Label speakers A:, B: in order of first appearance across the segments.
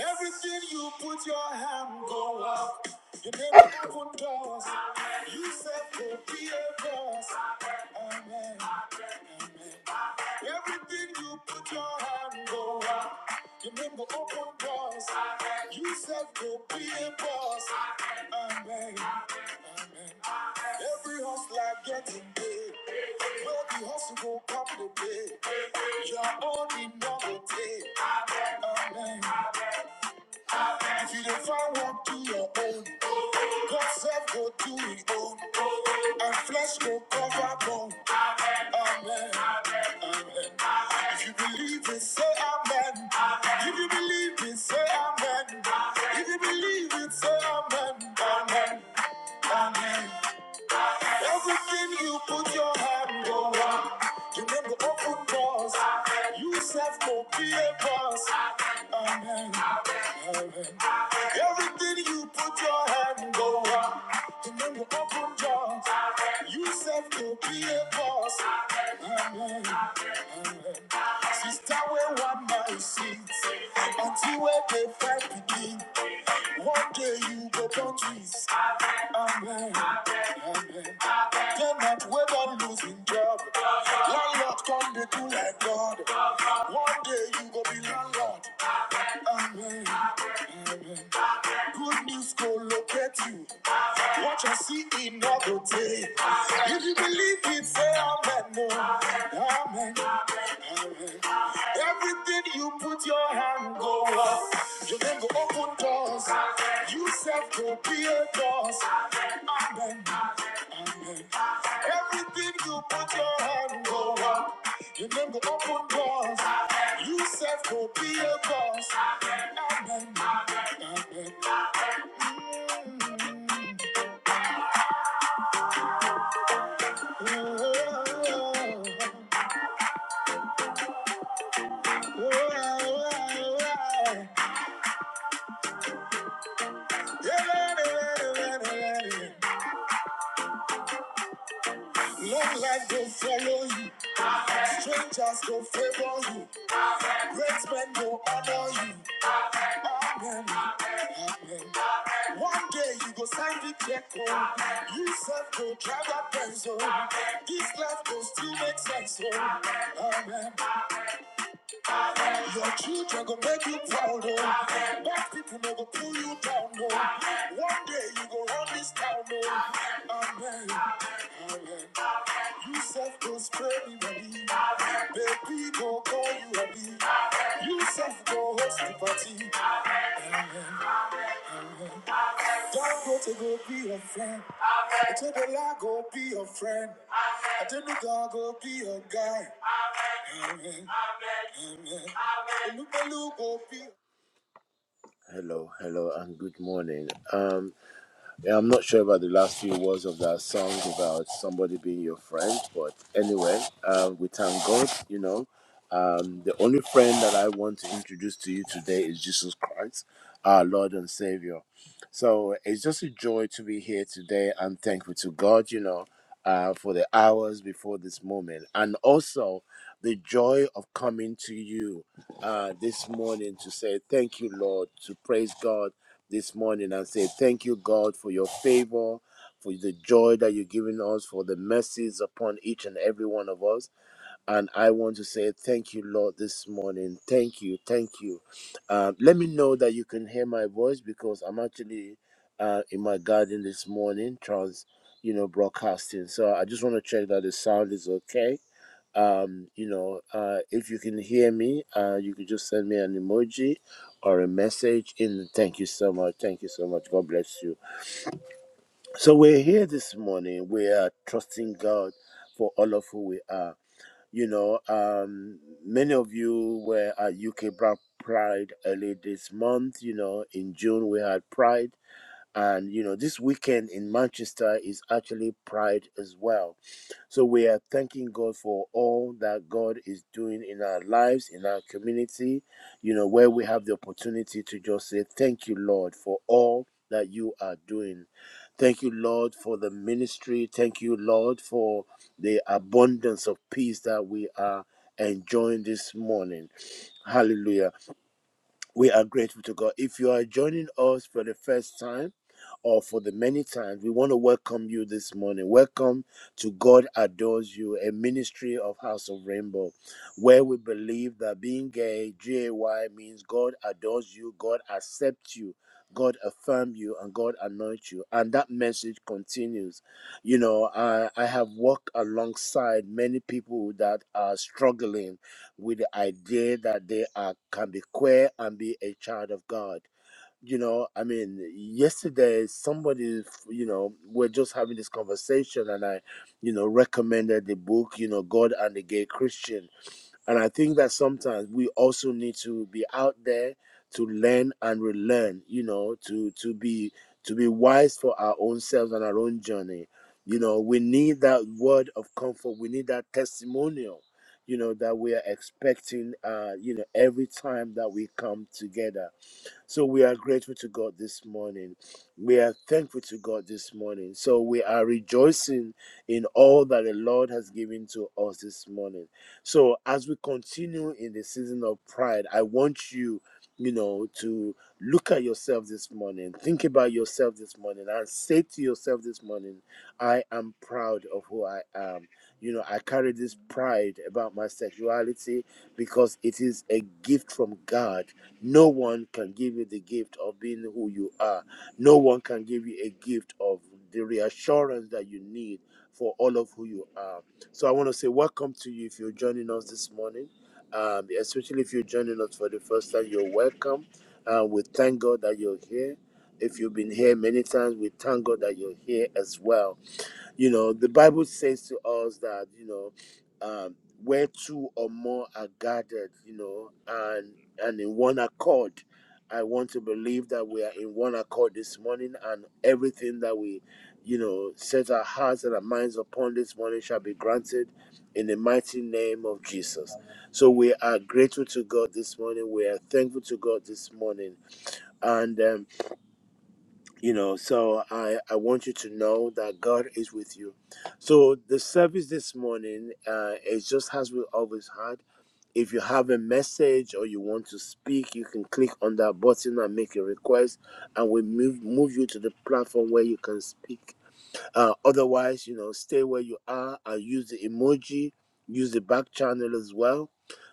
A: Everything you put your hand go up. You never open doors. You said go be a boss. Amen. Everything you put your hand go up. You never open doors. You said go be a boss. Amen. Every hustler getting paid. Where the hustle go pop the day. Your own in novelty. Amen. If you don't find work, do your own. God's self go do it own, and flesh go cover bone. Amen. Amen. If you believe it, say amen. If you believe it, say amen. If you believe it, say amen. Amen. Amen. Everything you put your hand over, you name the open doors. You serve no peer boss. Amen. Amen. Everything you put your hand over, you name the open doors. You serve no peer boss. Amen. Sister, we want my seat until we dey fight begin. One day you go countries. Amen. Amen. Cannot wait on losing job. Landlord come they do like God. One day you go be landlord. Amen. Good news go locate you. What you see in another day. If you believe it, say amen. No. Amen. Everything you put your hand go up. You then go open doors. You self go be a doors. Amen. Amen. Everything you put your hand go up. You then go open doors. You self go be a doors. Amen. Amen. Oh, oh, oh, oh, oh, oh, Yeah, yeah, yeah, yeah, yeah. Long life go follow you. Strangers go favor you. Great men go honor you. Amen. Amen. One day you go sign the check. Oh. You self go drive a pencil. This life go still make sense. Oh. Amen. Your children go make you proud. Oh. Bad people no go pull you down. Oh. One day you go run this town. Oh. Amen. Amen. You self go ready. Baby, go call you ready. You go host the party. Don't go to go be a friend. I tell the lie, go be a friend. I tell the dog, go be a guy. Amen. Amen. Elu, Hello, hello, and good morning. Um. Yeah, I'm not sure about the last few words of that song about somebody being your friend, but anyway, uh, we thank God. You know, um, the only friend that I want to introduce to you today is Jesus Christ, our Lord and Savior. So it's just a joy to be here today. I'm thankful to God, you know, uh, for the hours before this moment, and also the joy of coming to you uh, this morning to say thank you, Lord, to praise God this morning and say, Thank you, God, for your favor, for the joy that you've given us, for the mercies upon each and every one of us. And I want to say, Thank you, Lord, this morning. Thank you. Thank you. Uh, let me know that you can hear my voice because I'm actually uh, in my garden this morning, trans, you know, broadcasting. So I just want to check that the sound is okay um you know uh if you can hear me uh you could just send me an emoji or a message in thank you so much thank you so much god bless you so we're here this morning we are trusting god for all of who we are you know um many of you were at uk Black pride early this month you know in june we had pride and you know this weekend in manchester is actually pride as well so we are thanking God for all that God is doing in our lives, in our community, you know, where we have the opportunity to just say, Thank you, Lord, for all that you are doing. Thank you, Lord, for the ministry. Thank you, Lord, for the abundance of peace that we are enjoying this morning. Hallelujah. We are grateful to God. If you are joining us for the first time or for the many times, we want to welcome you this morning. Welcome to God Adores You, a ministry of House of Rainbow, where we believe that being gay, G A Y, means God adores you, God accepts you. God affirm you and God anoints you. And that message continues. You know, I, I have walked alongside many people that are struggling with the idea that they are can be queer and be a child of God. You know, I mean, yesterday somebody, you know, we're just having this conversation, and I, you know, recommended the book, you know, God and the Gay Christian and I think that sometimes we also need to be out there to learn and relearn, you know, to to be to be wise for our own selves and our own journey. You know, we need that word of comfort. We need that testimonial, you know, that we are expecting uh, you know, every time that we come together so we are grateful to God this morning. We are thankful to God this morning. So we are rejoicing in all that the Lord has given to us this morning. So as we continue in the season of pride, I want you, you know, to look at yourself this morning, think about yourself this morning, and say to yourself this morning, I am proud of who I am. You know, I carry this pride about my sexuality because it is a gift from God no one can give you the gift of being who you are. No one can give you a gift of the reassurance that you need for all of who you are. So I want to say welcome to you if you're joining us this morning, um, especially if you're joining us for the first time. You're welcome. Uh, we thank God that you're here. If you've been here many times, we thank God that you're here as well. You know, the Bible says to us that, you know, um, where two or more are gathered, you know, and and in one accord. I want to believe that we are in one accord this morning and everything that we, you know, set our hearts and our minds upon this morning shall be granted in the mighty name of Jesus. So we are grateful to God this morning. We are thankful to God this morning. and. um, you know so i i want you to know that god is with you so the service this morning uh is just as we always had if you have a message or you want to speak you can click on that button and make a request and we move move you to the platform where you can speak uh, otherwise, you know, stay where you are I use the emoji, use the back channel as well.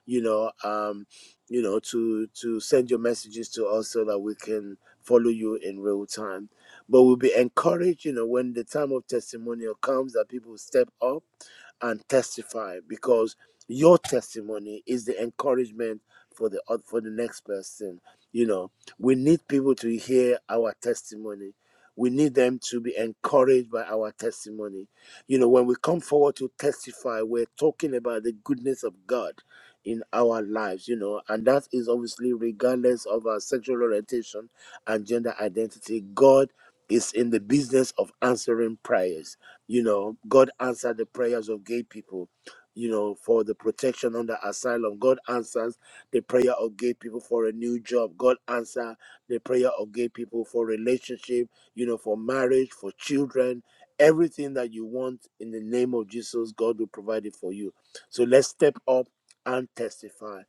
A: You know, um, you know, to to send your messages to us so that we can follow you in real time. But we'll be encouraged, you know, when the time of testimonial comes that people step up and testify because your testimony is the encouragement for the oth- for the next person you know we need people to hear our testimony we need them to be encouraged by our testimony you know when we come forward to testify we're talking about the goodness of god in our lives you know and that is obviously regardless of our sexual orientation and gender identity god is in the business of answering prayers you know, God answered the prayers of gay people, you know, for the protection under asylum. God answers the prayer of gay people for a new job. God answer the prayer of gay people for relationship, you know, for marriage, for children. Everything that you want in the name of Jesus, God will provide it for you. So let's step up and testify.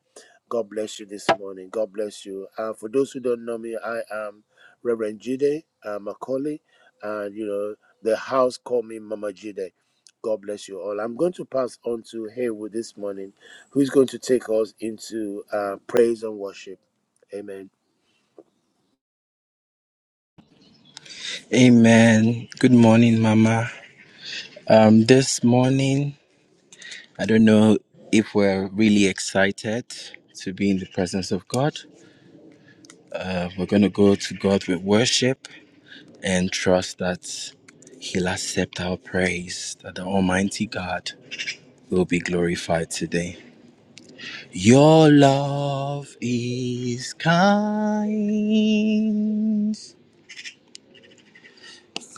A: God bless you this morning. God bless you. Uh, for those who don't know me, I am Reverend Jide uh, Macaulay, and you know the house called me Mama Jide. God bless you all. I'm going to pass on to Haywood this morning, who's going to take us into uh, praise and worship. Amen.
B: Amen. Good morning, Mama. Um, this morning, I don't know if we're really excited to be in the presence of God. Uh, we're going to go to God with worship and trust that He'll accept our praise, that the Almighty God will be glorified today. Your love is kind.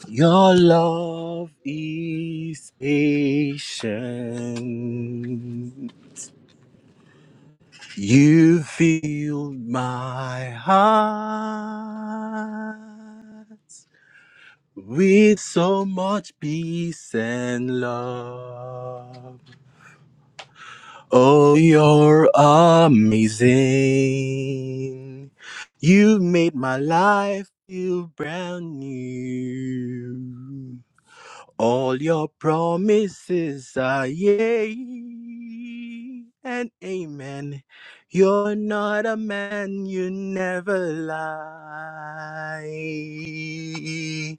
B: Your love is patient. You filled my heart with so much peace and love. Oh, you're amazing. You made my life feel brand new. All your promises are yea and amen. You're not a man, you never lie.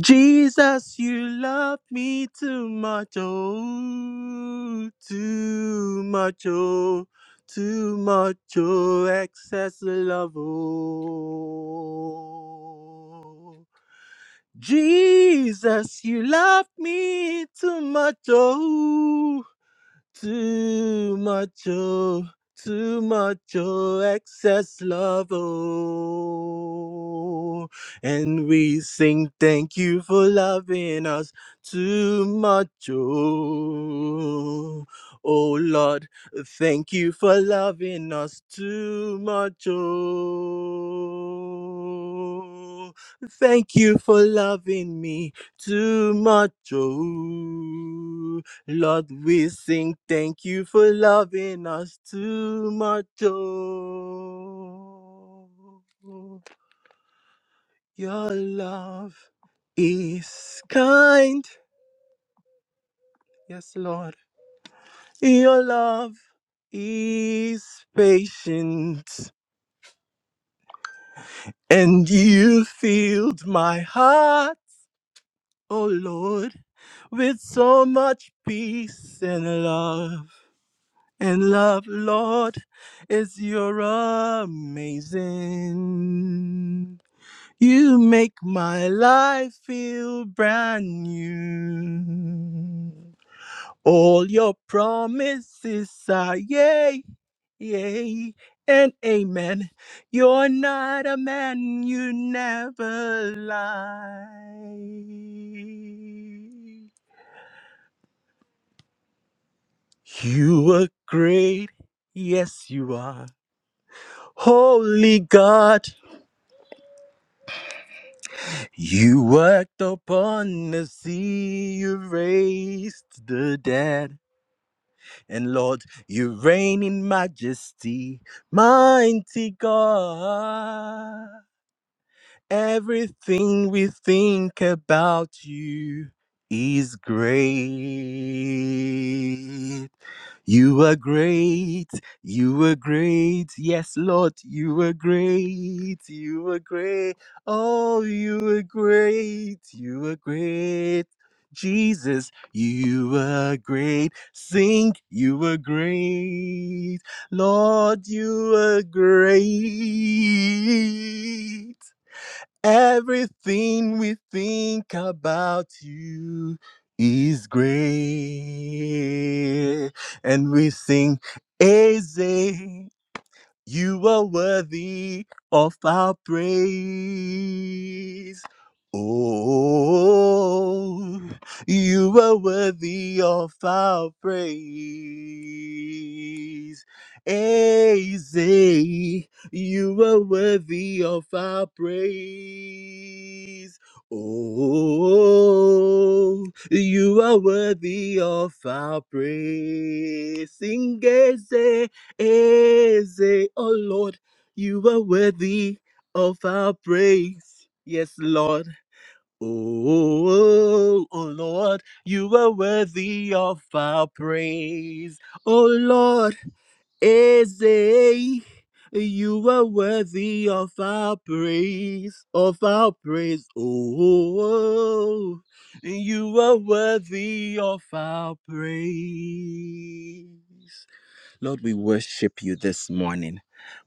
B: Jesus, you love me too much, oh, too much, oh, too much, oh, excess love, oh. Jesus, you love me too much. Oh. Too much, oh, too much, oh, excess love, oh. And we sing, thank you for loving us too much, oh. Oh Lord, thank you for loving us too much, oh. Thank you for loving me too much, oh. Lord, we sing thank you for loving us too much. Oh, your love is kind. Yes, Lord. Your love is patient. And you filled my heart, oh Lord, with so much peace and love. And love, Lord, is your amazing. You make my life feel brand new. All your promises are yay, yay, and amen. You're not a man, you never lie. You are great, yes, you are. Holy God, you worked upon the sea, you raised the dead. And Lord, you reign in majesty, mighty God. Everything we think about you is great. You are great. You are great. Yes, Lord, you are great. You are great. Oh, you are great. You are great. Jesus, you are great. Sing, you are great. Lord, you are great. Everything we think about you is great. And we sing, Eze. You are worthy of our praise. Oh, you are worthy of our praise. Aze, you are worthy of our praise. Oh, you are worthy of our praise. Sing, Aze, Eze, oh Lord, you are worthy of our praise. Yes, Lord. Oh, oh Lord, you are worthy of our praise. Oh Lord, Eze, you are worthy of our praise, of our praise. Oh, you are worthy of our praise. Lord, we worship you this morning.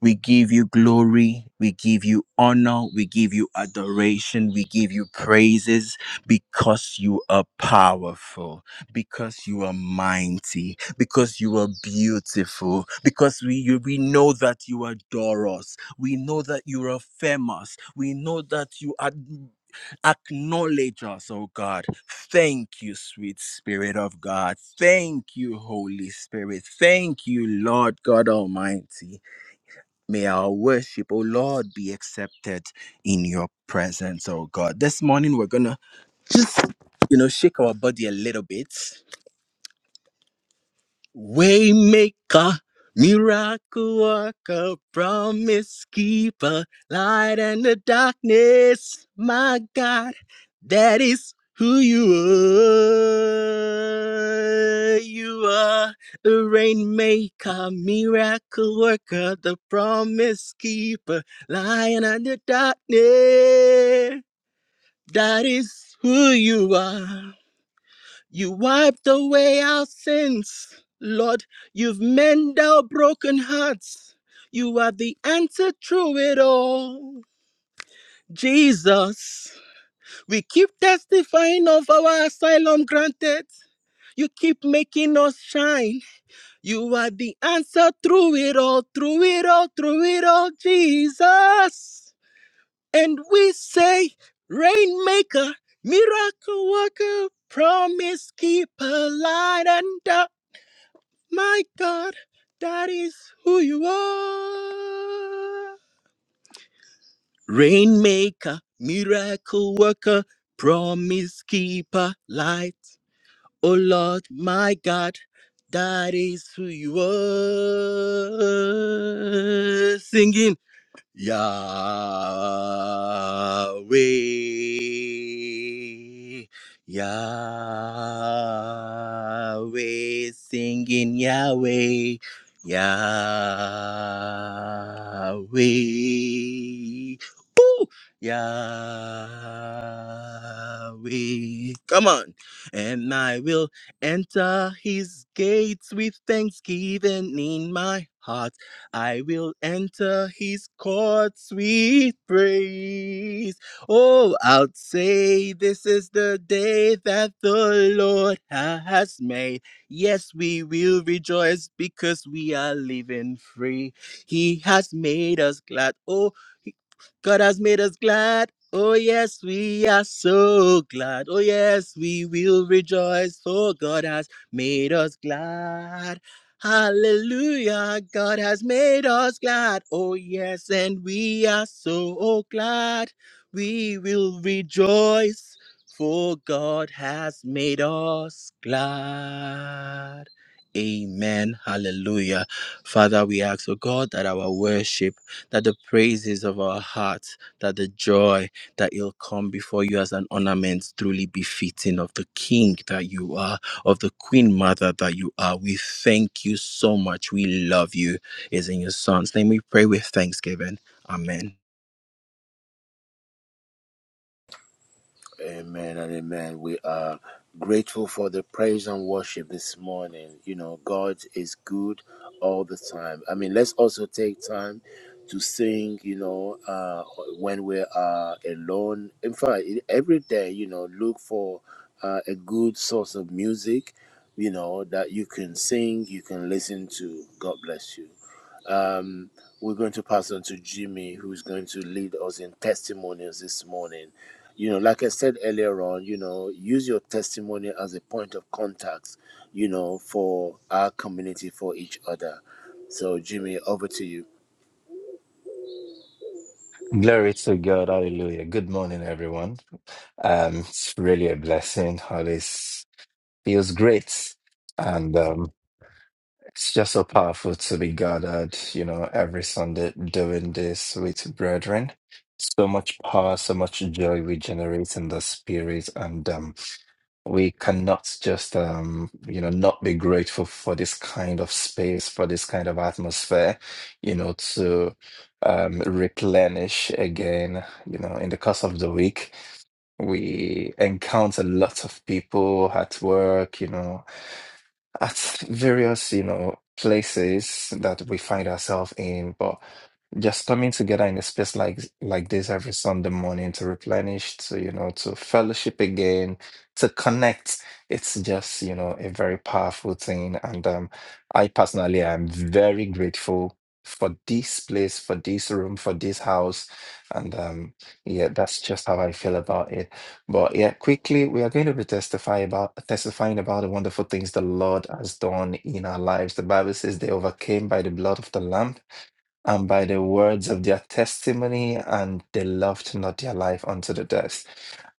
B: We give you glory. We give you honor. We give you adoration. We give you praises because you are powerful, because you are mighty, because you are beautiful, because we, you, we know that you adore us. We know that you are famous. We know that you are. Acknowledge us, oh God. Thank you, sweet Spirit of God. Thank you, Holy Spirit. Thank you, Lord God Almighty. May our worship, oh Lord, be accepted in your presence, oh God. This morning, we're going to just, you know, shake our body a little bit Waymaker, miracle worker, promise keeper, light in the darkness, my God, that is who you are. You are the rainmaker, miracle worker, the promise keeper, light in the darkness. That is who you are. You wiped away our sins. Lord, you've mended our broken hearts. You are the answer through it all. Jesus, we keep testifying of our asylum granted. You keep making us shine. You are the answer through it all, through it all, through it all, Jesus. And we say, Rainmaker, miracle worker, promise keeper, light and dark. My God, that is who you are. Rainmaker, miracle worker, promise keeper, light. Oh Lord, my God, that is who you are. Singing. Yahweh, Yahweh, singing Yahweh, Yahweh, Ooh, Yahweh. Come on, and I will enter His gates with thanksgiving in my heart. I will enter his courts with praise. Oh, I'll say this is the day that the Lord has made. Yes, we will rejoice because we are living free. He has made us glad. Oh, he- God has made us glad. Oh, yes, we are so glad. Oh, yes, we will rejoice, for God has made us glad. Hallelujah, God has made us glad. Oh, yes, and we are so glad. We will rejoice, for God has made us glad. Amen. Hallelujah. Father, we ask, oh God, that our worship, that the praises of our hearts, that the joy that will come before you as an ornament truly befitting of the King that you are of the Queen Mother that you are. We thank you so much. We love you. It's in your Son's name we pray with thanksgiving. Amen.
A: Amen and amen. We are grateful for the praise and worship this morning. You know, God is good all the time. I mean, let's also take time to sing, you know, uh, when we are alone. In fact, in- every day, you know, look for uh, a good source of music, you know, that you can sing, you can listen to. God bless you. Um, we're going to pass on to Jimmy, who's going to lead us in testimonials this morning. You know, like I said earlier on, you know, use your testimony as a point of contact, you know, for our community, for each other. So, Jimmy, over to you.
C: Glory to God. Hallelujah. Good morning, everyone. Um, it's really a blessing. All this feels great. And um, it's just so powerful to be gathered, you know, every Sunday doing this with brethren. So much power, so much joy we generate in the spirit. and. um, we cannot just um you know not be grateful for this kind of space for this kind of atmosphere you know to um replenish again you know in the course of the week we encounter lots of people at work you know at various you know places that we find ourselves in but just coming together in a space like like this every Sunday morning to replenish, to you know, to fellowship again, to connect. It's just you know a very powerful thing, and um, I personally am very grateful for this place, for this room, for this house, and um, yeah, that's just how I feel about it. But yeah, quickly we are going to be testify about testifying about the wonderful things the Lord has done in our lives. The Bible says they overcame by the blood of the Lamb and by the words of their testimony, and they loved not their life unto the death.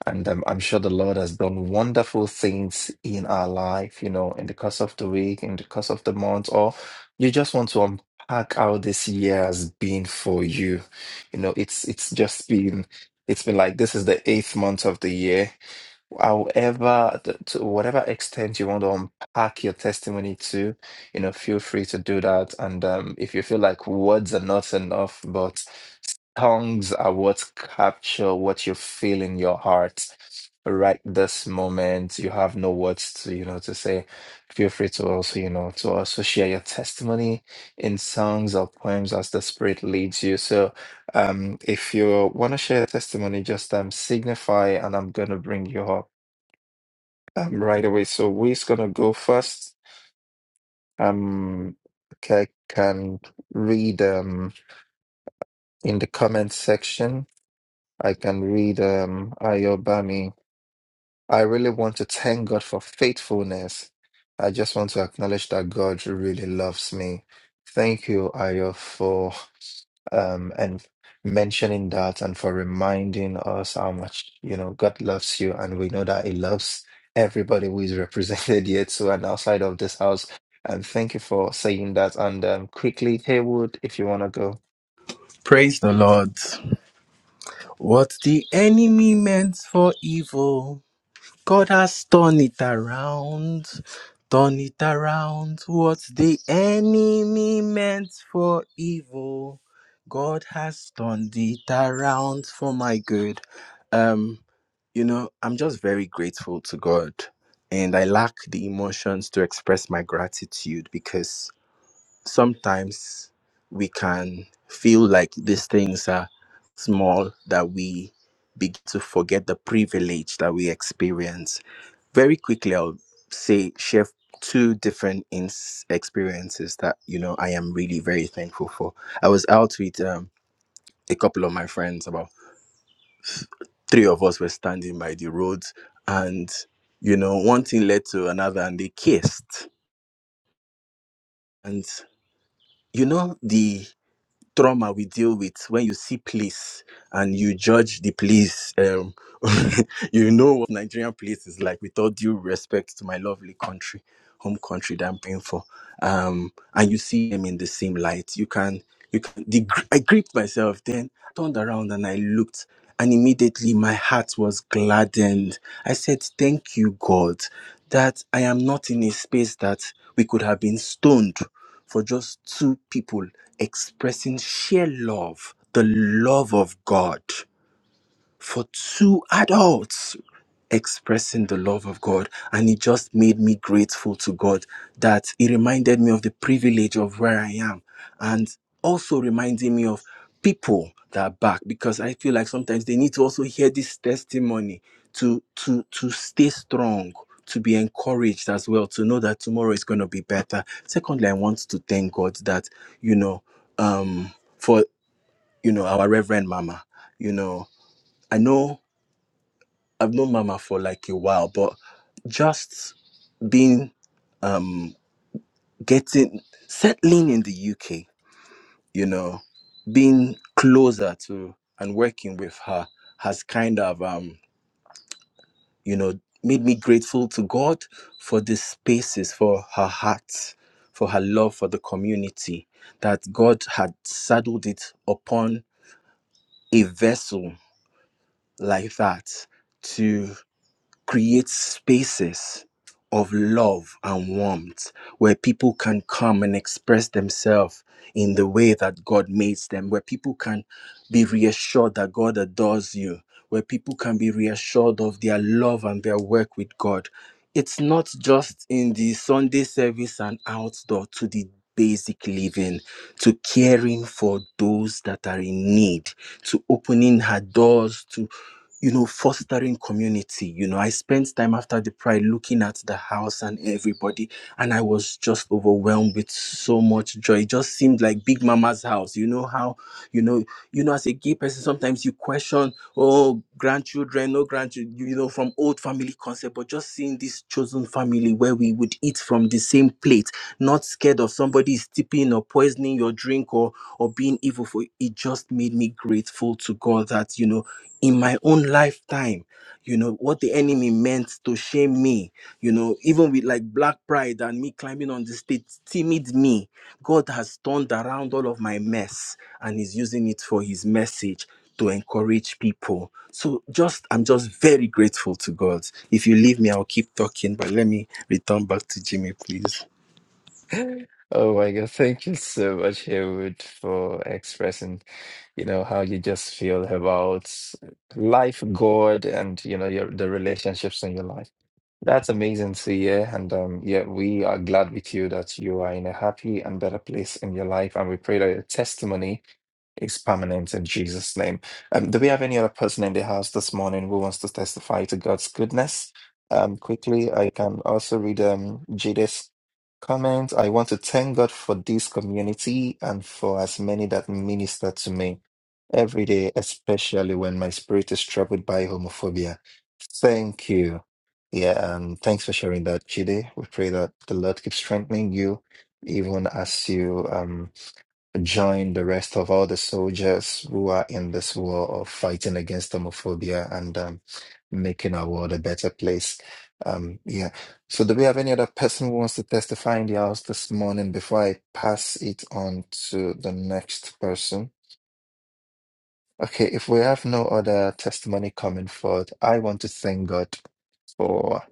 C: And um, I'm sure the Lord has done wonderful things in our life, you know, in the course of the week, in the course of the month, or you just want to unpack how this year has been for you. You know, it's it's just been it's been like this is the eighth month of the year However, th- to whatever extent you want to unpack your testimony to, you know, feel free to do that. And um, if you feel like words are not enough, but tongues are what capture what you feel in your heart right this moment. You have no words to, you know, to say. Feel free to also, you know, to also share your testimony in songs or poems as the Spirit leads you. So, um, if you want to share a testimony, just um, signify, and I'm gonna bring you up. Um, right away. So we's gonna go first. Um, okay, I can read um in the comment section. I can read um Ayobami. I really want to thank God for faithfulness. I just want to acknowledge that God really loves me. Thank you, Ayo, for um, and mentioning that and for reminding us how much you know God loves you, and we know that He loves everybody who is represented here too and outside of this house. And thank you for saying that. And um, quickly, Haywood, if you want to
B: Praise the Lord. What the enemy meant for evil. God has turned it around, turn it around. What the enemy meant for evil, God has turned it around for my good. Um, you know, I'm just very grateful to God, and I lack the emotions to express my gratitude because sometimes we can feel like these things are small that we begin to forget the privilege that we experience very quickly i'll say share two different ins experiences that you know i am really very thankful for i was out with um, a couple of my friends about three of us were standing by the road and you know one thing led to another and they kissed and you know the trauma we deal with when you see police and you judge the police um you know what nigerian police is like with all due respect to my lovely country home country that I'm praying for. Um, and you see them in the same light. You can, you can. The, gr- I gripped myself, then turned around and I looked, and immediately my heart was gladdened. I said, "Thank you, God, that I am not in a space that we could have been stoned for just two people expressing sheer love, the love of God for two adults." expressing the love of God. And it just made me grateful to God that it reminded me of the privilege of where I am and also reminding me of people that are back because I feel like sometimes they need to also hear this testimony to to to stay strong, to be encouraged as well, to know that tomorrow is going to be better. Secondly, I want to thank God that, you know, um for you know our reverend mama, you know, I know I've known Mama for like a while, but just being um getting settling in the UK, you know, being closer to and working with her has kind of um, you know, made me grateful to God for the spaces, for her heart, for her love for the community, that God had saddled it upon a vessel like that to. create spaces of love and warmth where people can come and express themselves in the way that God makes them, where people can be reassured that God adores you, where people can be reassured of their love and their work with God. It's not just in the Sunday service and outdoor to the basic living, to caring for those that are in need, to opening her doors, to you know, fostering community. You know, I spent time after the pride looking at the house and everybody, and I was just overwhelmed with so much joy. It just seemed like Big Mama's house. You know how, you know, you know, as a gay person, sometimes you question oh grandchildren no grandchildren you know from old family concept but just seeing this chosen family where we would eat from the same plate not scared of somebody stepping or poisoning your drink or or being evil for it It just made me grateful to god that you know in my own lifetime you know what the enemy meant to shame me you know even with like black pride and me climbing on the stage timid me god has turned around all of my mess and is using it for his message to encourage people. So just I'm just very grateful to God. If you leave me, I'll keep talking, but let me return back to Jimmy, please.
C: go. Oh my God, thank you so much, Haywood, for expressing, you know, how you just feel about life, God, and you know, your the relationships in your life. That's amazing to hear. And um, yeah, we are glad with you that you are in a happy and better place in your life. And we pray that your testimony is permanent in Jesus' name. Um, do we have any other person in the house this morning who wants to testify to God's goodness? Um, quickly, I can also read um, Jade's comment. I want to thank God for this community and for as many that minister to me every day, especially when my spirit is troubled by homophobia. Thank you. Yeah, um, thanks for sharing that, Chide. We pray that the Lord keeps strengthening you, even as you um, join the rest of all the soldiers who are in this war of fighting against homophobia and um, making our world a better place. Um, yeah. So, do we have any other person who wants to testify in the house this morning before I pass it on to the next person? Okay, if we have no other testimony coming forth, I want to thank God for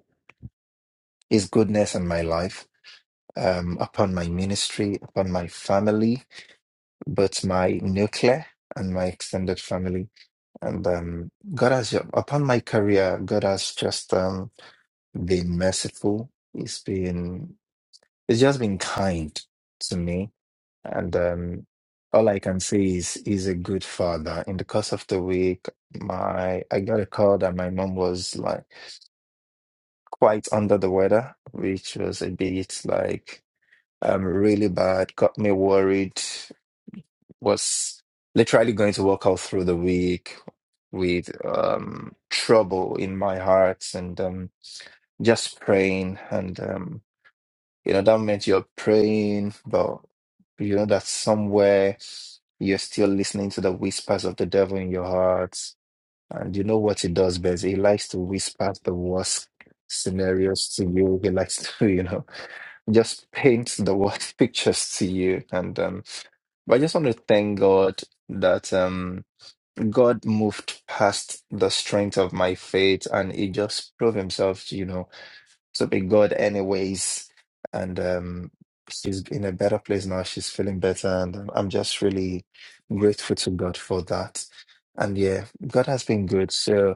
C: His goodness in my life. um, upon my ministry, upon my family, both my nuclear and my extended family. And um, God has, upon my career, God has just um, been merciful. He's been, he's just been kind to me. And um, all I can say is, he's a good father. In the course of the week, my I got a call that my mom was like quite under the weather, which was a bit like um really bad, got me worried was literally going to walk out through the week with um, trouble in my heart and um, just praying. And, um, you know, that meant you're praying, but you know that somewhere you're still listening to the whispers of the devil in your heart. And you know what he does best? He likes to whisper the worst scenarios to you. He likes to, you know, just paint the worst pictures to you. And um, but I just want to thank God that um God moved past the strength of my faith and he just proved himself, you know, to be God anyways. And um she's in a better place now. She's feeling better and I'm I'm just really grateful to God for that. And yeah, God has been good. So.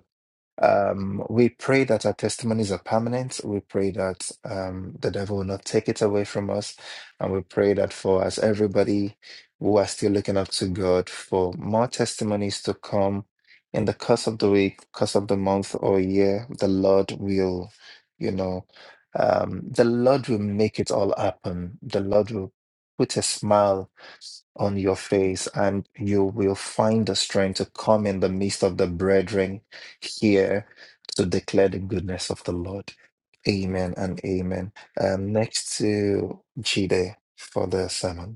C: Um, we pray that our testimonies are permanent. We pray that um, the devil will not take it away from us. And we pray that for us, everybody who are still looking up to God, for more testimonies to come in the course of the week, course of the month or year, the Lord will, you know, um, the Lord will make it all happen. The Lord will put a smile on your face, and you will find the strength to come in the midst of the brethren here to declare the goodness of the Lord. Amen and amen. Um, next to Jide for the sermon.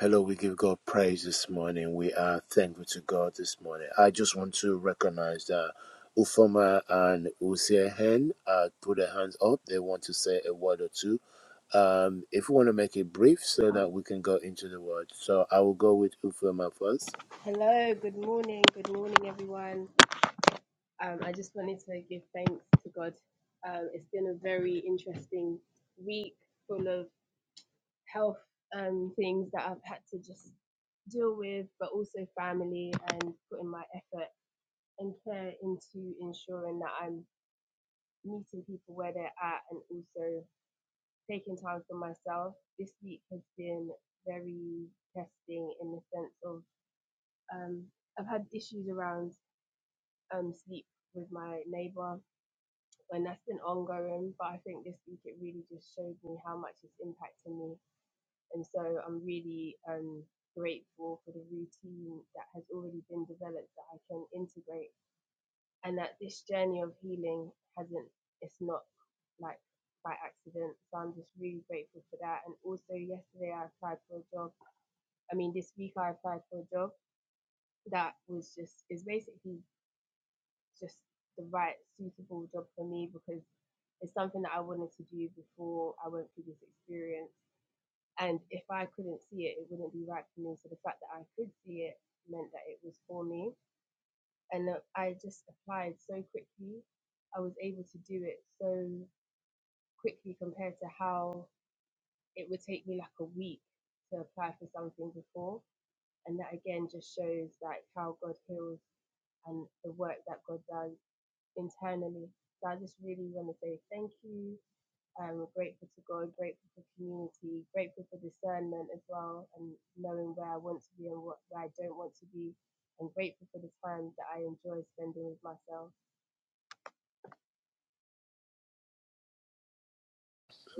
A: Hello, we give God praise this morning. We are thankful to God this morning. I just want to recognize that Ufoma and Usiehen uh, put their hands up. They want to say a word or two. Um, if you want to make it brief so that we can go into the word. So I will go with Ufoma first.
D: Hello, good morning, good morning, everyone. Um, I just wanted to give thanks to God. Um, it's been a very interesting week full of health um, things that I've had to just deal with, but also family and putting my effort and care into ensuring that I'm meeting people where they're at and also taking time for myself. This week has been very testing in the sense of um, I've had issues around um, sleep with my neighbor, and that's been ongoing. But I think this week it really just showed me how much it's impacting me, and so I'm really um, grateful for the routine that has already been developed that I can integrate, and that this journey of healing hasn't. It's not like by accident. So I'm just really grateful for that. And also yesterday I applied for a job. I mean this week I applied for a job that was just is basically just the right suitable job for me because It's something that I wanted to do before I went through this experience. And if I couldn't see it, it wouldn't be right for me. So the fact that I could see it meant that it was for me. And I just applied so quickly. I was able to do it so quickly compared to how it would take me like a week to apply for something before. And that again just shows like how God heals and the work that God does internally. So I just really want to say thank you Um, we're grateful to God, grateful for community, grateful for discernment as well, and knowing where I want to be and what, where I don't want to be, and grateful for the time that I enjoy spending with myself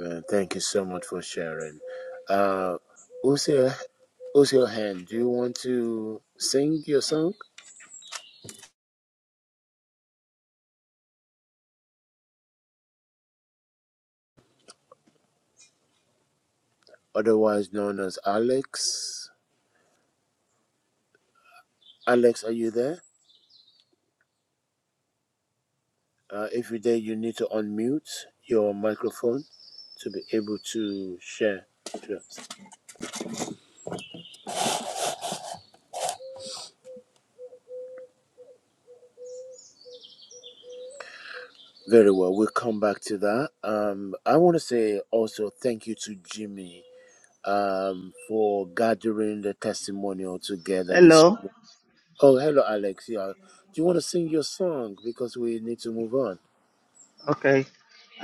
A: Uh, thank you so much for sharing. Uh, Usiehen, Usiehen, do you want to sing your song? Otherwise known as Alex. Alex, are you there? Uh, every day you need to unmute your microphone to be able to share. Sure. Very well. We'll come back to that. Um, I want to say also thank you to Jimmy um, for gathering the testimonial together. This.
E: Hello.
A: Oh, hello, Alex. Yeah. Do you want to sing your song because we need to move on?
E: Okay.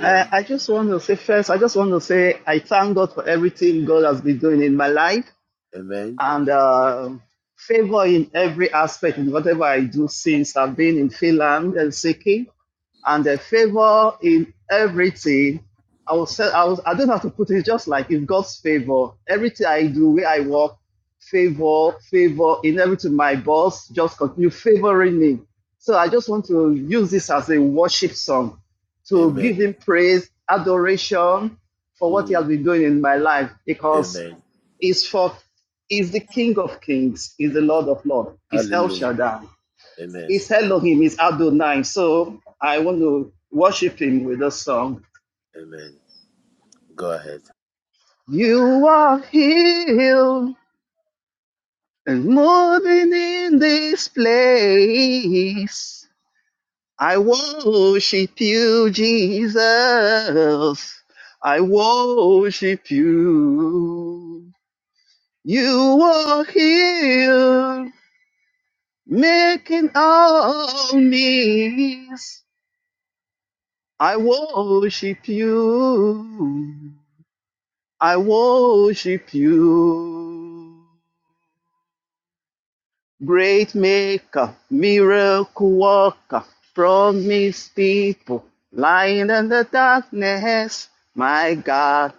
E: I, I just want to say first, I just want to say I thank God for everything God has been doing in my life.
A: Amen.
E: and uh, favor in every aspect in whatever I do since I've been in Finland, Helsinki, and the favor in everything. I will say, I, will, I don't have to put it just like it's God's favor. Everything I do, where I work, favor, favor in everything. My boss just continue favoring me. So I just want to use this as a worship song to
A: Amen.
E: give him praise, adoration for what he
A: Mm.
E: has been doing in my life because
A: Amen.
E: is for is the King of Kings, is the Lord of Lords, is El
A: Hallelujah.
E: Shaddai,
A: Amen.
E: is Elohim, is Adonai. So I want to worship him with a song.
A: Amen. Go ahead.
E: You are healed and moving in this place. I worship you, Jesus. I worship you. You are healed Making all knees, I worship you. I worship you. Great maker, miracle worker, promise people, lying in the darkness. My God,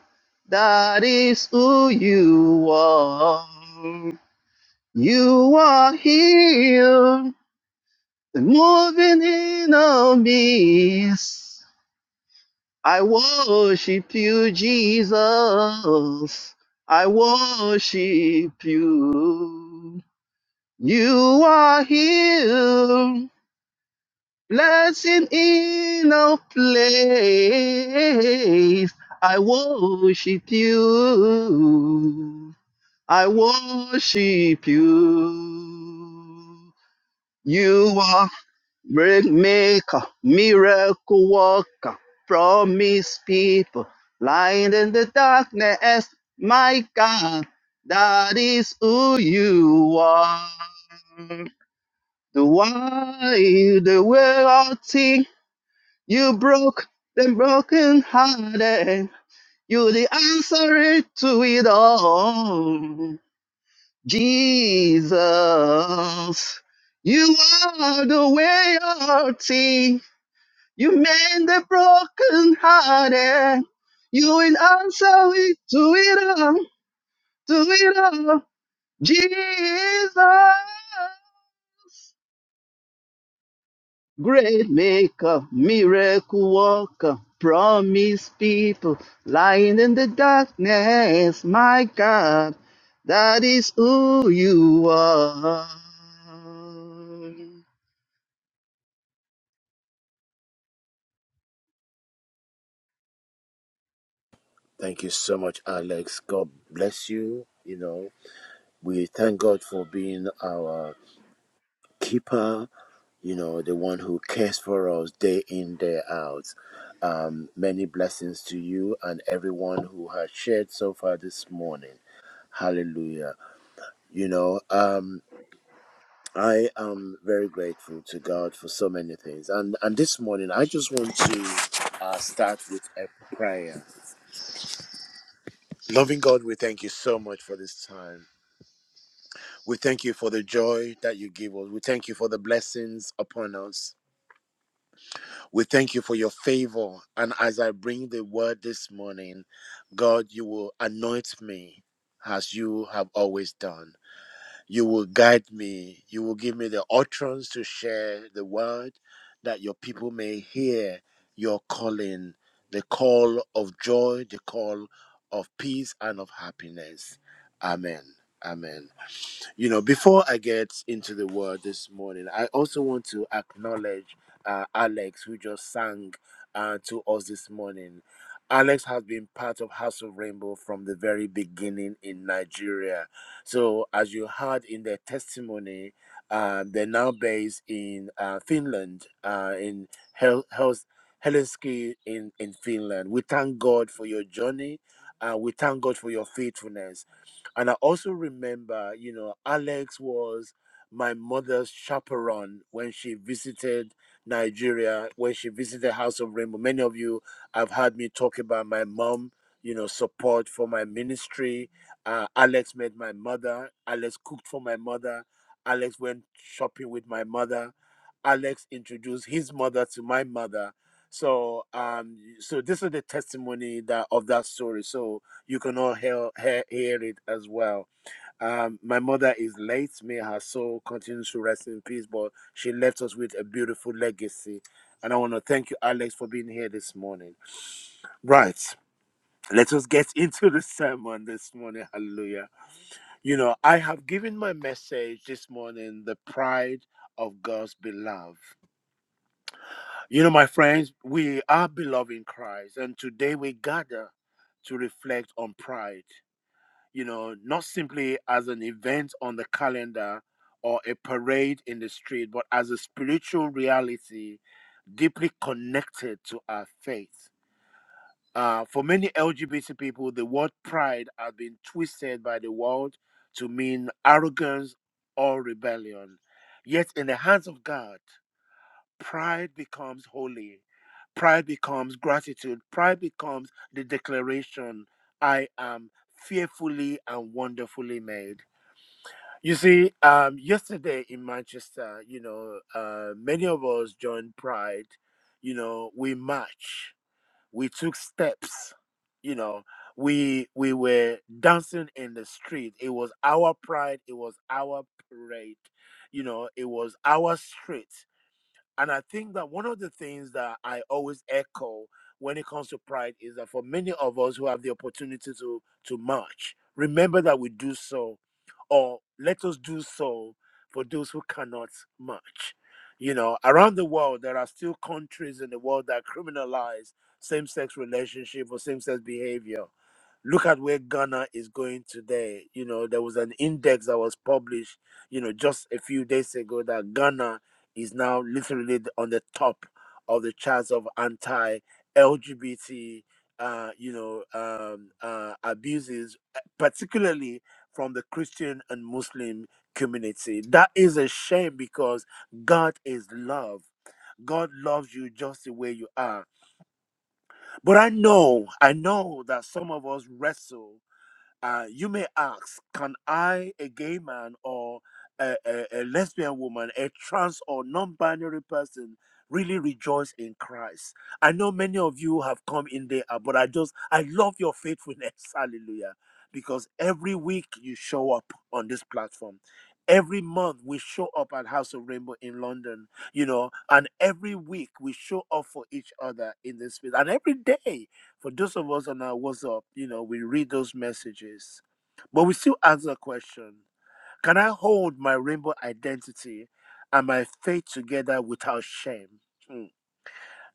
E: that is who you are. You are here, moving in our midst. I worship you, Jesus. I worship you. You are here, blessing in a place. I worship you. I worship you. You are Miracle maker, miracle worker, promise people, light in the darkness, my God, that is who you are. The why, the way out thing, you broke the broken hearted, you the answer to it all. Jesus, you are the way out you mend the broken hearted. You will answer it to it all, to it all. Jesus, great maker, miracle worker, promise people lying in the darkness. My God, that is who you are.
A: Thank you so much, Alex. God bless you. You know, we thank God for being our keeper, you know, the one who cares for us day in, day out. Um, many blessings to you and everyone who has shared so far this morning. Hallelujah. You know, um, I am very grateful to God for so many things. And and this morning I just want to uh, start with a prayer. Loving God, we thank you so much for this time. We thank you for the joy that you give us. We thank you for the blessings upon us. We thank you for your favor. And as I bring the word this morning, God, you will anoint me as you have always done. You will guide me. You will give me the utterance to share the word that your people may hear your calling, the call of joy, the call of peace and of happiness. Amen. Amen. You know, before I get into the word this morning, I also want to acknowledge uh, Alex, who just sang uh, to us this morning. Alex has been part of House of Rainbow from the very beginning in Nigeria. So, as you heard in their testimony, um, they're now based in uh, Finland, uh, in Hel- Hels- Helsinki, in, in Finland. We thank God for your journey. Uh, we thank God for your faithfulness and I also remember, you know, Alex was my mother's chaperone when she visited Nigeria, when she visited House of Rainbow. Many of you have heard me talk about my mom, you know, support for my ministry. Uh, Alex met my mother. Alex cooked for my mother. Alex went shopping with my mother. Alex introduced his mother to my mother. So, um, so this is the testimony that of that story. So, you can all hear, hear, hear it as well. Um, my mother is late. May her soul continue to rest in peace, but she left us with a beautiful legacy. And I want to thank you, Alex, for being here this morning. Right. Let us get into the sermon this morning. Hallelujah. You know, I have given my message this morning the pride of God's beloved. You know, my friends, we are beloved in Christ, and today we gather to reflect on pride. you know, not simply as an event on the calendar or a parade in the street, but as a spiritual reality deeply connected to our faith. Uh, for many LGBT people, the word pride has been twisted by the world to mean arrogance or rebellion. Yet, in the hands of God, pride becomes holy. Pride becomes gratitude. Pride becomes the declaration I am fearfully and wonderfully made. You see, um, yesterday in Manchester, you know, uh, many of us joined Pride. You know, we marched, we took steps, you know, we we were dancing in the street. It was our pride, it was our parade, you know, it was our street and I think that one of the things that I always echo when it comes to pride is that for many of us who have the opportunity to to march, remember that we do so, or let us do so for those who cannot march. You know, around the world, there are still countries in the world that criminalize same-sex relationship or same-sex behavior. Look at where Ghana is going today. You know, there was an index that was published, you know, just a few days ago that Ghana is now literally on the top of the charts of anti LGBT, uh, you know, um, uh, abuses, uh, particularly from the Christian and Muslim community. That is a shame because God is love. God loves you just the way you are. But I know, I know that some of us wrestle uh, you may ask, can I, a gay man or a, a, a lesbian woman, a trans or non binary person, really rejoice in Christ? I know many of you have come in there, uh, but I just, I love your faithfulness. Hallelujah. Because every week you show up on this platform. Every month we show up at House of Rainbow in London, you know, and every week we show up for each other in this space. And every day for those of us on our WhatsApp, you know, we read those messages, but we still ask the question Can I hold my rainbow identity and my faith together without shame? Hmm.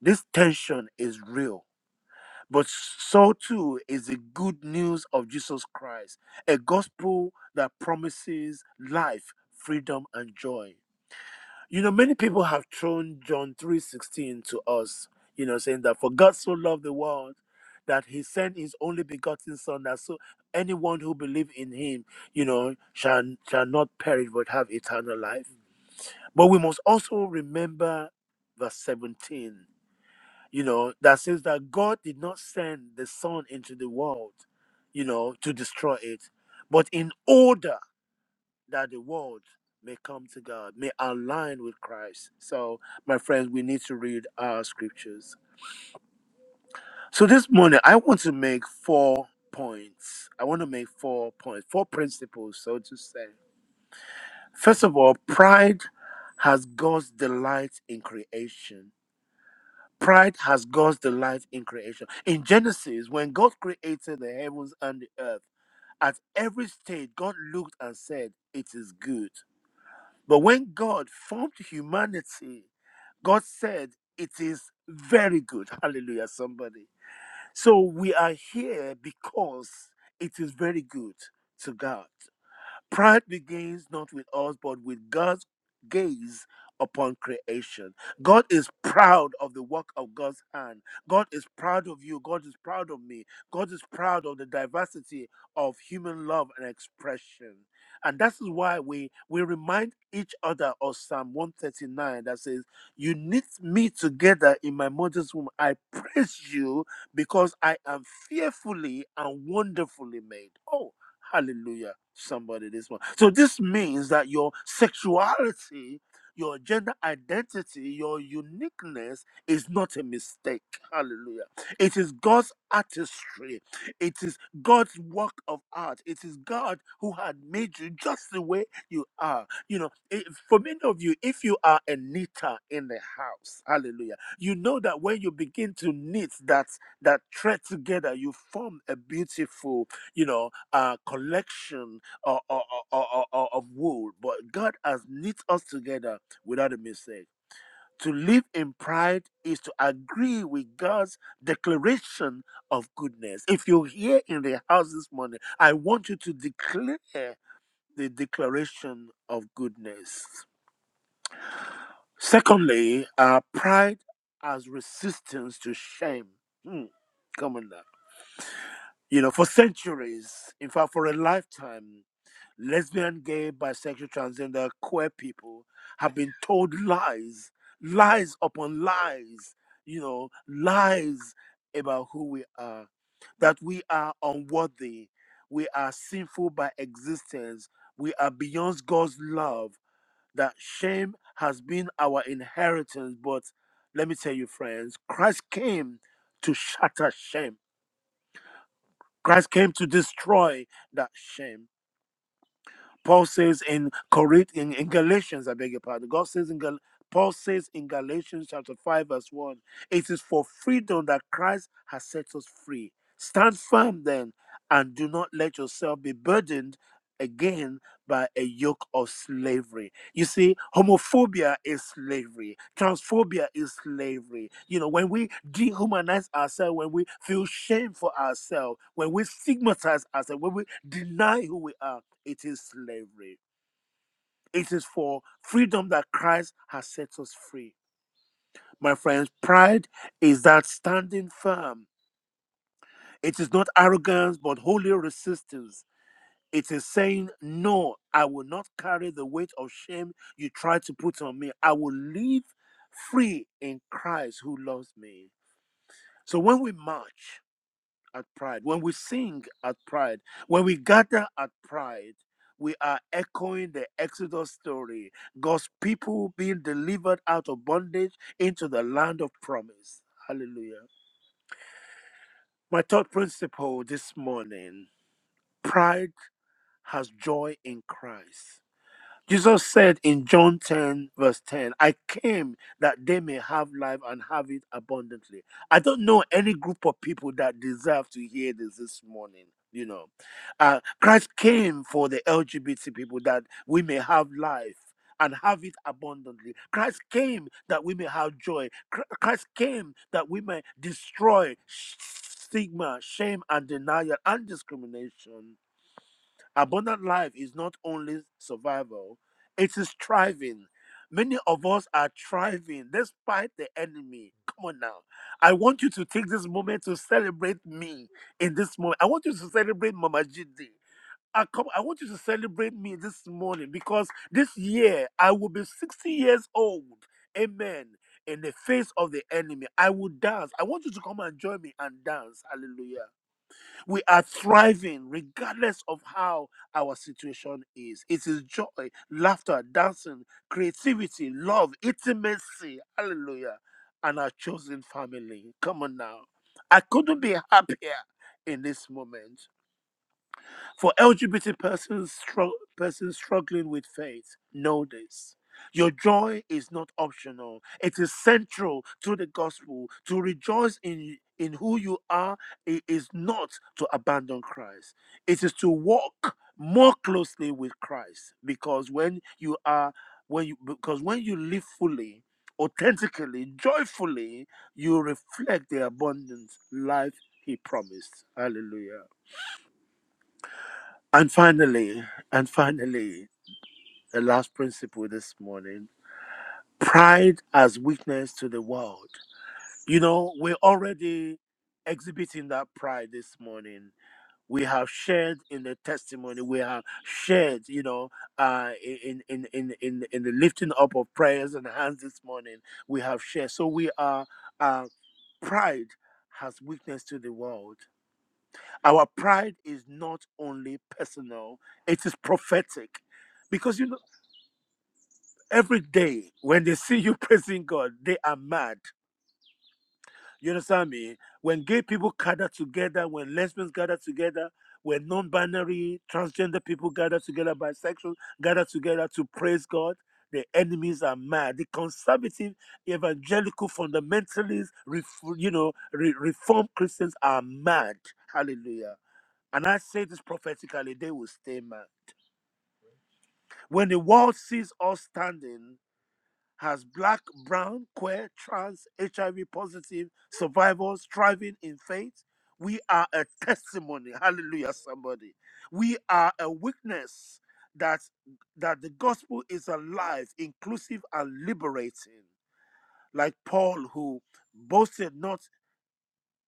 A: This tension is real, but so too is the good news of Jesus Christ, a gospel that promises life, freedom, and joy. You know, many people have thrown John 3.16 to us, you know, saying that for God so loved the world that he sent his only begotten son that so anyone who believes in him, you know, shall shall not perish but have eternal life. But we must also remember verse 17, you know, that says that God did not send the Son into the world, you know, to destroy it, but in order that the world may come to God, may align with Christ. So, my friends, we need to read our scriptures. So, this morning, I want to make four points. I want to make four points, four principles, so to say. First of all, pride has God's delight in creation. Pride has God's delight in creation. In Genesis, when God created the heavens and the earth, at every stage, God looked and said, It is good. But when God formed humanity, God said, It is very good. Hallelujah, somebody. So we are here because it is very good to God. Pride begins not with us, but with God's gaze upon creation. God is proud of the work of God's hand. God is proud of you. God is proud of me. God is proud of the diversity of human love and expression. And that is why we, we remind each other of Psalm 139 that says, You knit me together in my mother's womb. I praise you because I am fearfully and wonderfully made. Oh, Hallelujah. Somebody this one. So this means that your sexuality, your gender identity, your uniqueness is not a mistake. Hallelujah. It is God's artistry. It is God's work of art. It is God who had made you just the way you are. You know, if, for many of you, if you are a knitter in the house, hallelujah, you know that when you begin to knit that that thread together, you form a beautiful, you know uh, collection o- o- o- o- of wood, but God has knit us together without a mistake. To live in pride is to agree with God's declaration of goodness. If you're here in the house this morning, I want you to declare the declaration of goodness. Secondly, uh, pride as resistance to shame. Hmm, come on now. You know, for centuries, in fact, for a lifetime, lesbian, gay, bisexual, transgender, queer people have been told lies, lies upon lies, you know, lies about who we are, that we are unworthy, we are sinful by existence, we are beyond God's love, that shame has been our inheritance. But let me tell you, friends, Christ came to shatter shame. Christ came to destroy that shame. Paul says in Corinth in, in Galatians, I beg your pardon. God says in Gal- Paul says in Galatians chapter 5, verse 1, it is for freedom that Christ has set us free. Stand firm then, and do not let yourself be burdened again by a yoke of slavery. You see, homophobia is slavery. Transphobia is slavery. You know, when we dehumanize ourselves, when we feel shame for ourselves, when we stigmatize ourselves, when we deny who we are, it is slavery. It is for freedom that Christ has set us free. My friends, pride is that standing firm. It is not arrogance, but holy resistance. It is saying, No, I will not carry the weight of shame you try to put on me. I will live free in Christ who loves me. So when we march at pride, when we sing at pride, when we gather at pride, we are echoing the Exodus story God's people being delivered out of bondage into the land of promise. Hallelujah. My third principle this morning pride has joy in Christ. Jesus said in John 10, verse 10, I came that they may have life and have it abundantly. I don't know any group of people that deserve to hear this this morning. You know, uh, Christ came for the LGBT people that we may have life and have it abundantly. Christ came that we may have joy. Chr- Christ came that we may destroy sh- stigma, shame, and denial and discrimination Abundant life is not only survival, it is thriving. Many of us are thriving despite the enemy. Come on now. I want you to take this moment to celebrate me in this moment. I want you to celebrate Mama GD. I, come, I want you to celebrate me this morning because this year I will be 60 years old. Amen. In the face of the enemy, I will dance. I want you to come and join me and dance. Hallelujah. We are thriving regardless of how our situation is. It is joy, laughter, dancing, creativity, love, intimacy. Hallelujah. And our chosen family. Come on now. I couldn't be happier in this moment. For LGBT persons, strug- persons struggling with faith, know this. Your joy is not optional. It is central to the gospel. To rejoice in, in who you are i- is not to abandon Christ. It is to walk more closely with Christ because when you are when you because when you live fully, authentically, joyfully, you reflect the abundant life he promised. Hallelujah. And finally, and finally, the last principle this morning pride as witness to the world. You know, we're already exhibiting that pride this morning. We have shared in the testimony. We have shared, you know, uh, in, in, in, in, in the lifting up of prayers and hands this morning. We have shared. So we are, uh, pride has witness to the world. Our pride is not only personal, it is prophetic. Because you know, every day when they see you praising God, they are mad. You understand me? When gay people gather together, when lesbians gather together, when non binary, transgender people gather together, bisexual gather together to praise God, the enemies are mad. The conservative, evangelical, fundamentalists, ref- you know, re- reform Christians are mad. Hallelujah. And I say this prophetically, they will stay mad. When the world sees us standing as black, brown, queer, trans, HIV positive survivors thriving in faith, we are a testimony. Hallelujah, somebody. We are a witness that that the gospel is alive, inclusive, and liberating. Like Paul, who boasted not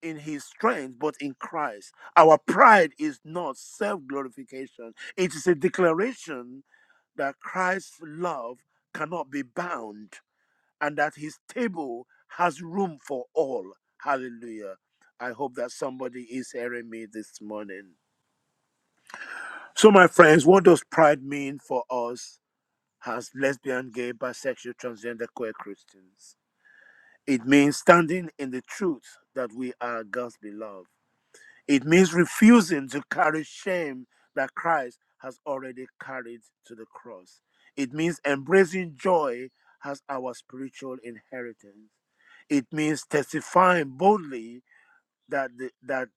A: in his strength, but in Christ. Our pride is not self glorification, it is a declaration that Christ's love cannot be bound and that his table has room for all. Hallelujah. I hope that somebody is hearing me this morning. So, my friends, what does pride mean for us as lesbian, gay, bisexual, transgender, queer Christians? It means standing in the truth that we are God's beloved It means refusing to carry shame that Christ has already carried to the cross. It means embracing joy as our spiritual inheritance. It means testifying boldly that the, that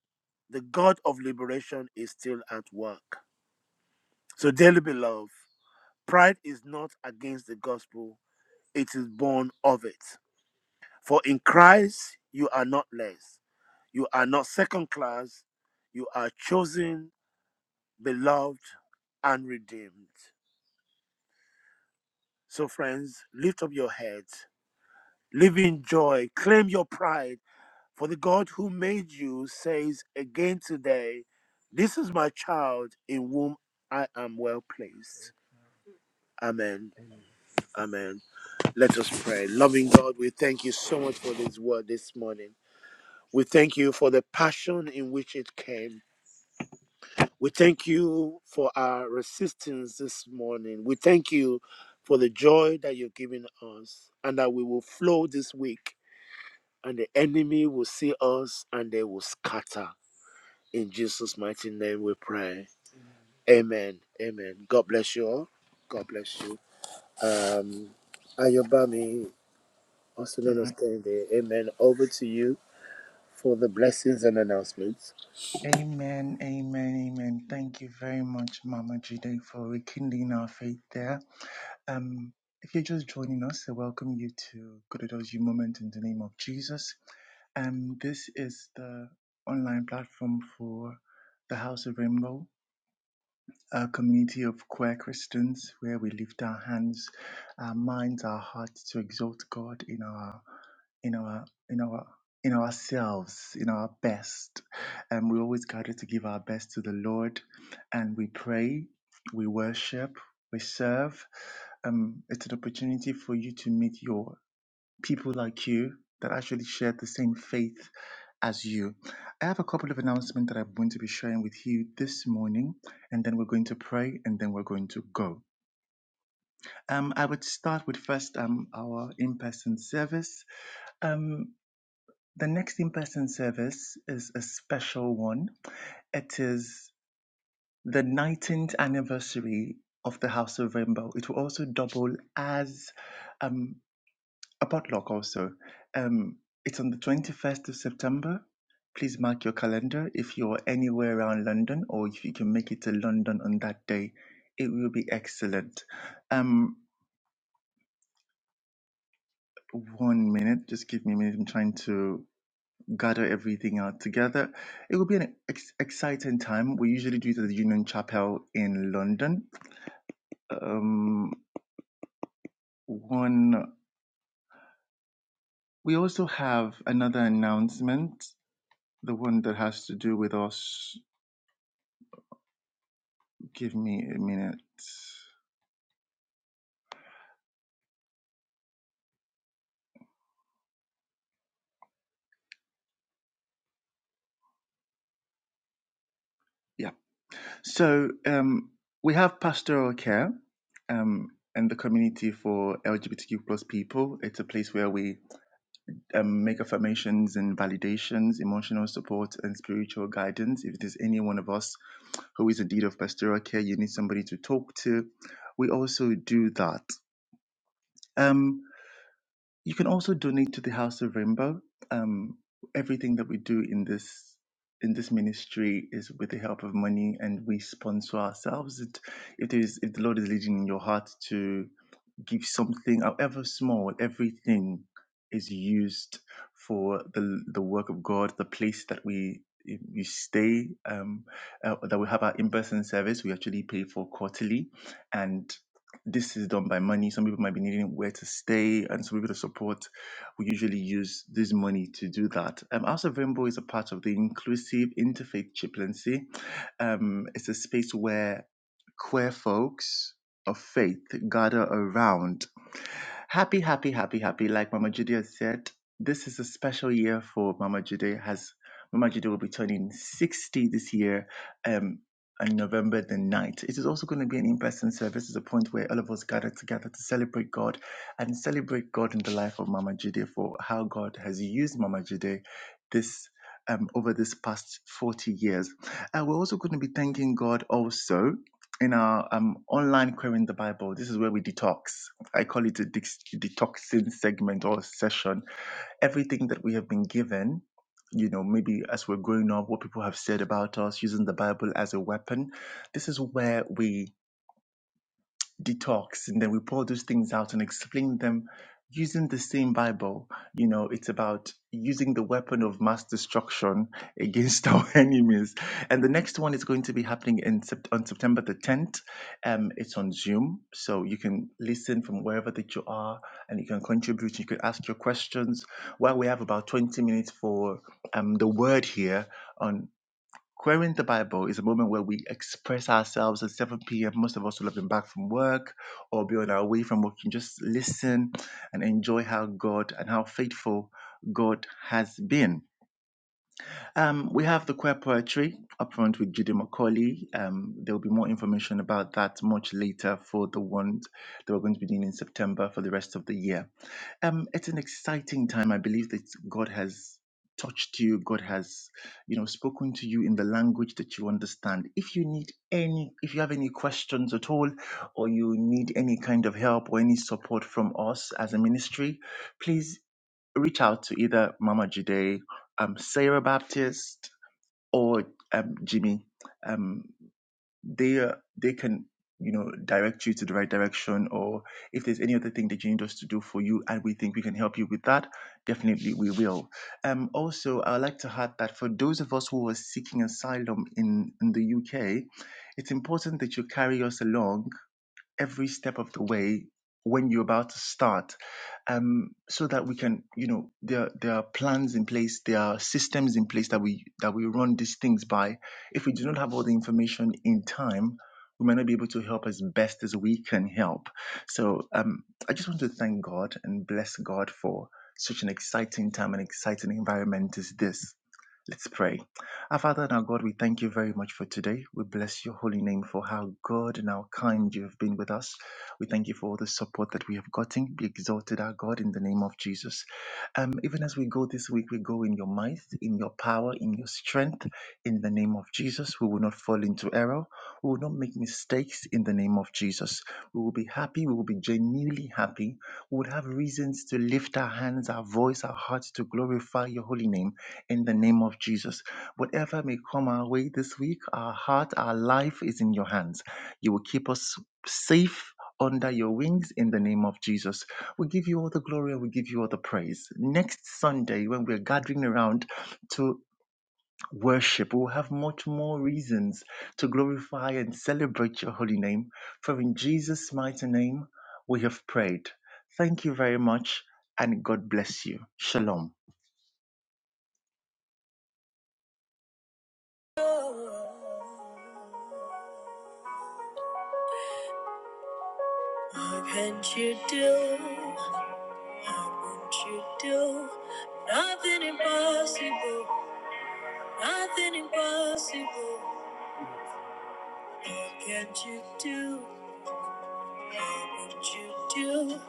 A: the God of liberation is still at work. So, dearly beloved, pride is not against the gospel, it is born of it. For in Christ, you are not less, you are not second class, you are chosen beloved, and redeemed. So, friends, lift up your heads, live in joy, claim your pride, for the God who made you says again today, This is my child in whom I am well pleased. Amen. Amen. Let us pray. Loving God, we thank you so much for this word this morning. We thank you for the passion in which it came. We thank you for our resistance this morning. We thank you for the joy that you've given us and that we will flow this week and the enemy will see us and they will scatter. In Jesus' mighty name we pray. Amen. Amen. God bless you all. God bless you. Um, Ayobami, also
F: All
A: known as
F: right.
A: Kende, amen. Over to you for the blessings and announcements.
F: Amen, amen, amen. Thank you very much, Mama Jude, for rekindling our faith there. Um, if you're just joining us, I welcome you to Gododo's You Moment in the name of Jesus. Um, this is the online platform for the House of Rainbow a community of queer Christians where we lift our hands, our minds, our hearts to exalt God in our in our in our in ourselves, in our best. And we always gather to give our best to the Lord and we pray, we worship, we serve. Um, it's an opportunity for you to meet your people like you that actually share the same faith as you. I have a couple of announcements that I'm going to be sharing with you this morning, and then we're going to pray, and then we're going to go. Um, I would start with first um, our in-person service. Um, the next in-person service is a special one. It is the 19th anniversary of the House of Rainbow. It will also double as um. a potluck also. Um, it's on the 21st of September. Please mark your calendar if you're anywhere around London or if you can make it to London on that day. It will be excellent. Um, one minute, just give me a minute. I'm trying to gather everything out together. It will be an ex- exciting time. We usually do it at the Union Chapel in London. Um, one, we also have another announcement, the one that has to do with us Give me a minute. Yeah. So um, we have pastoral care um, and the community for LGBTQ plus people. It's a place where we um, make affirmations and validations, emotional support, and spiritual guidance. If there's any one of us who is in need of pastoral care, you need somebody to talk to. We also do that. Um, You can also donate to the House of Rainbow. Um, everything that we do in this in this ministry is with the help of money, and we sponsor ourselves. It, it is if the Lord is leading in your heart to give something, however small, everything is used for the the work of God, the place that we we stay, um, uh, that we have our in-person service. We actually pay for quarterly, and this is done by money. Some people might be needing where to stay, and some people to support. We usually use this money to do that. Um, House of Rainbow is a part of the inclusive interfaith chaplaincy. Um, it's a space where queer folks of faith gather around. Happy, happy, happy, happy. Like Mama Judy has said, this is a special year for Mama Judy. Has Mama Judy will be turning 60 this year. Um on November the 9th. It is also going to be an in person service. It's a point where all of us gather together to celebrate God and celebrate God in the life of Mama Judy for how God has used Mama Judy this um, over this past 40 years. And we're also going to be thanking God also in our um, online querying the Bible. This is where we detox. I call it a dex- detoxing segment or session. Everything that we have been given, you know, maybe as we're growing up, what people have said about us, using the Bible as a weapon. This is where we detox and then we pour those things out and explain them using the same bible you know it's about using the weapon of mass destruction against our enemies and the next one is going to be happening in Sept- on september the 10th um it's on zoom so you can listen from wherever that you are and you can contribute you can ask your questions While we have about 20 minutes for um the word here on. Querying the Bible is a moment where we express ourselves at 7 p.m. Most of us will have been back from work or be on our way from work and just listen and enjoy how God and how faithful God has been. Um, we have the queer poetry up front with Judy McCauley. Um, there will be more information about that much later for the ones that we're going to be doing in September for the rest of the year um, it's an exciting time. I believe that God has touched you. God has, you know, spoken to you in the language that you understand. If you need any, if you have any questions at all, or you need any kind of help or any support from us as a ministry, please reach out to either Mama Jide, um, Sarah Baptist, or um, Jimmy. Um, they uh, they can you know direct you to the right direction or if there's any other thing that you need us to do for you and we think we can help you with that definitely we will um also i'd like to add that for those of us who are seeking asylum in in the uk it's important that you carry us along every step of the way when you're about to start um, so that we can you know there there are plans in place there are systems in place that we that we run these things by if we do not have all the information in time we might not be able to help as best as we can help so um, i just want to thank god and bless god for such an exciting time and exciting environment as this Let's pray. Our Father and our God, we thank you very much for today. We bless your holy name for how good and how kind you have been with us. We thank you for all the support that we have gotten. Be exalted, our God, in the name of Jesus. Um, even as we go this week, we go in your might, in your power, in your strength, in the name of Jesus. We will not fall into error. We will not make mistakes in the name of Jesus. We will be happy. We will be genuinely happy. We will have reasons to lift our hands, our voice, our hearts to glorify your holy name in the name of Jesus. Whatever may come our way this week, our heart, our life is in your hands. You will keep us safe under your wings in the name of Jesus. We give you all the glory and we give you all the praise. Next Sunday, when we're gathering around to worship, we'll have much more reasons to glorify and celebrate your holy name. For in Jesus' mighty name, we have prayed. Thank you very much and God bless you. Shalom.
A: What can't you do? What won't you do? Nothing impossible, nothing impossible. What can't you do? What won't you do?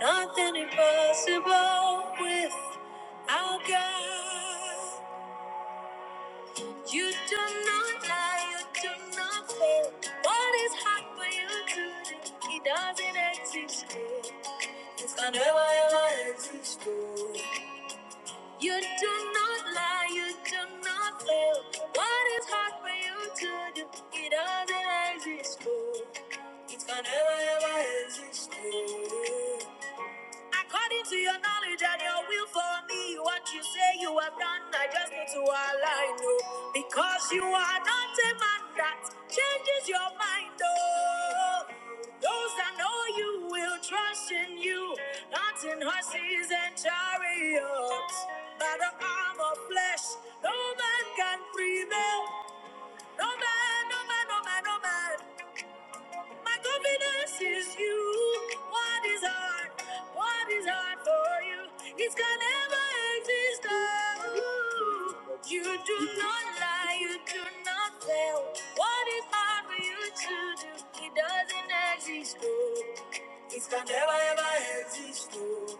A: Nothing impossible with our God. You do not lie, you do not fail. What is hard for you to do? He doesn't exist. It's never ever ever exist. You do not lie, you do not fail. What is hard for you to do? It doesn't exist. oh. It can never ever exist. Oh. According to your knowledge and your will for me, what you say you have done, I just need to align, oh. Because you are not a man that changes your mind, oh. Those that know you will trust in you, not in horses and chariots. By the arm of flesh, no man can prevail. No man, no man, no man, no man. My confidence is you. What is hard? What is hard for you? It can never exist. Oh, you do not lie. You do not fail. What is hard for you to do? It doesn't exist. Oh, it can never ever exist. Oh.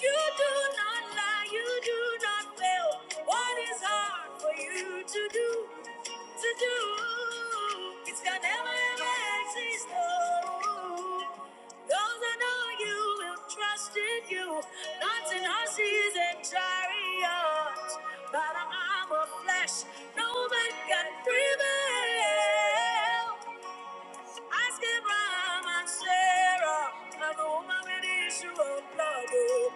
A: You do not lie, you do not fail. What is hard for you to do? to do. It's gonna never ever exist. No. Those that know you will trust in you. Not in horses and chariots, but an arm of flesh. No man can prevail. Ask Abraham and Sarah, and the woman with the issue of blood.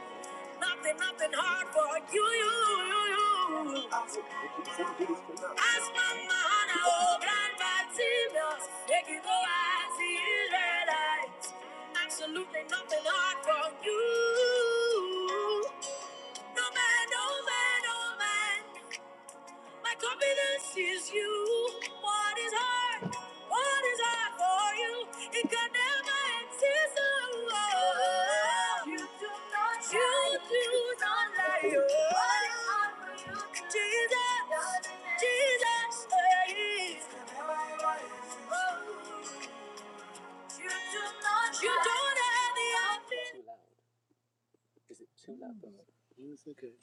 A: Nothing, nothing hard for you, you, you, you. As mama and oh grandpa serious, make it go as the Israelites. Absolutely nothing hard for you. No man, no man, no man. My confidence is you. What is hard? What is hard for you? It can never exist alone. You do not lie. You do not lie. What is hard for you? Jesus, Jesus, please. You do not You lie. don't have the option. Too loud. Is it too loud for me? No, It's okay.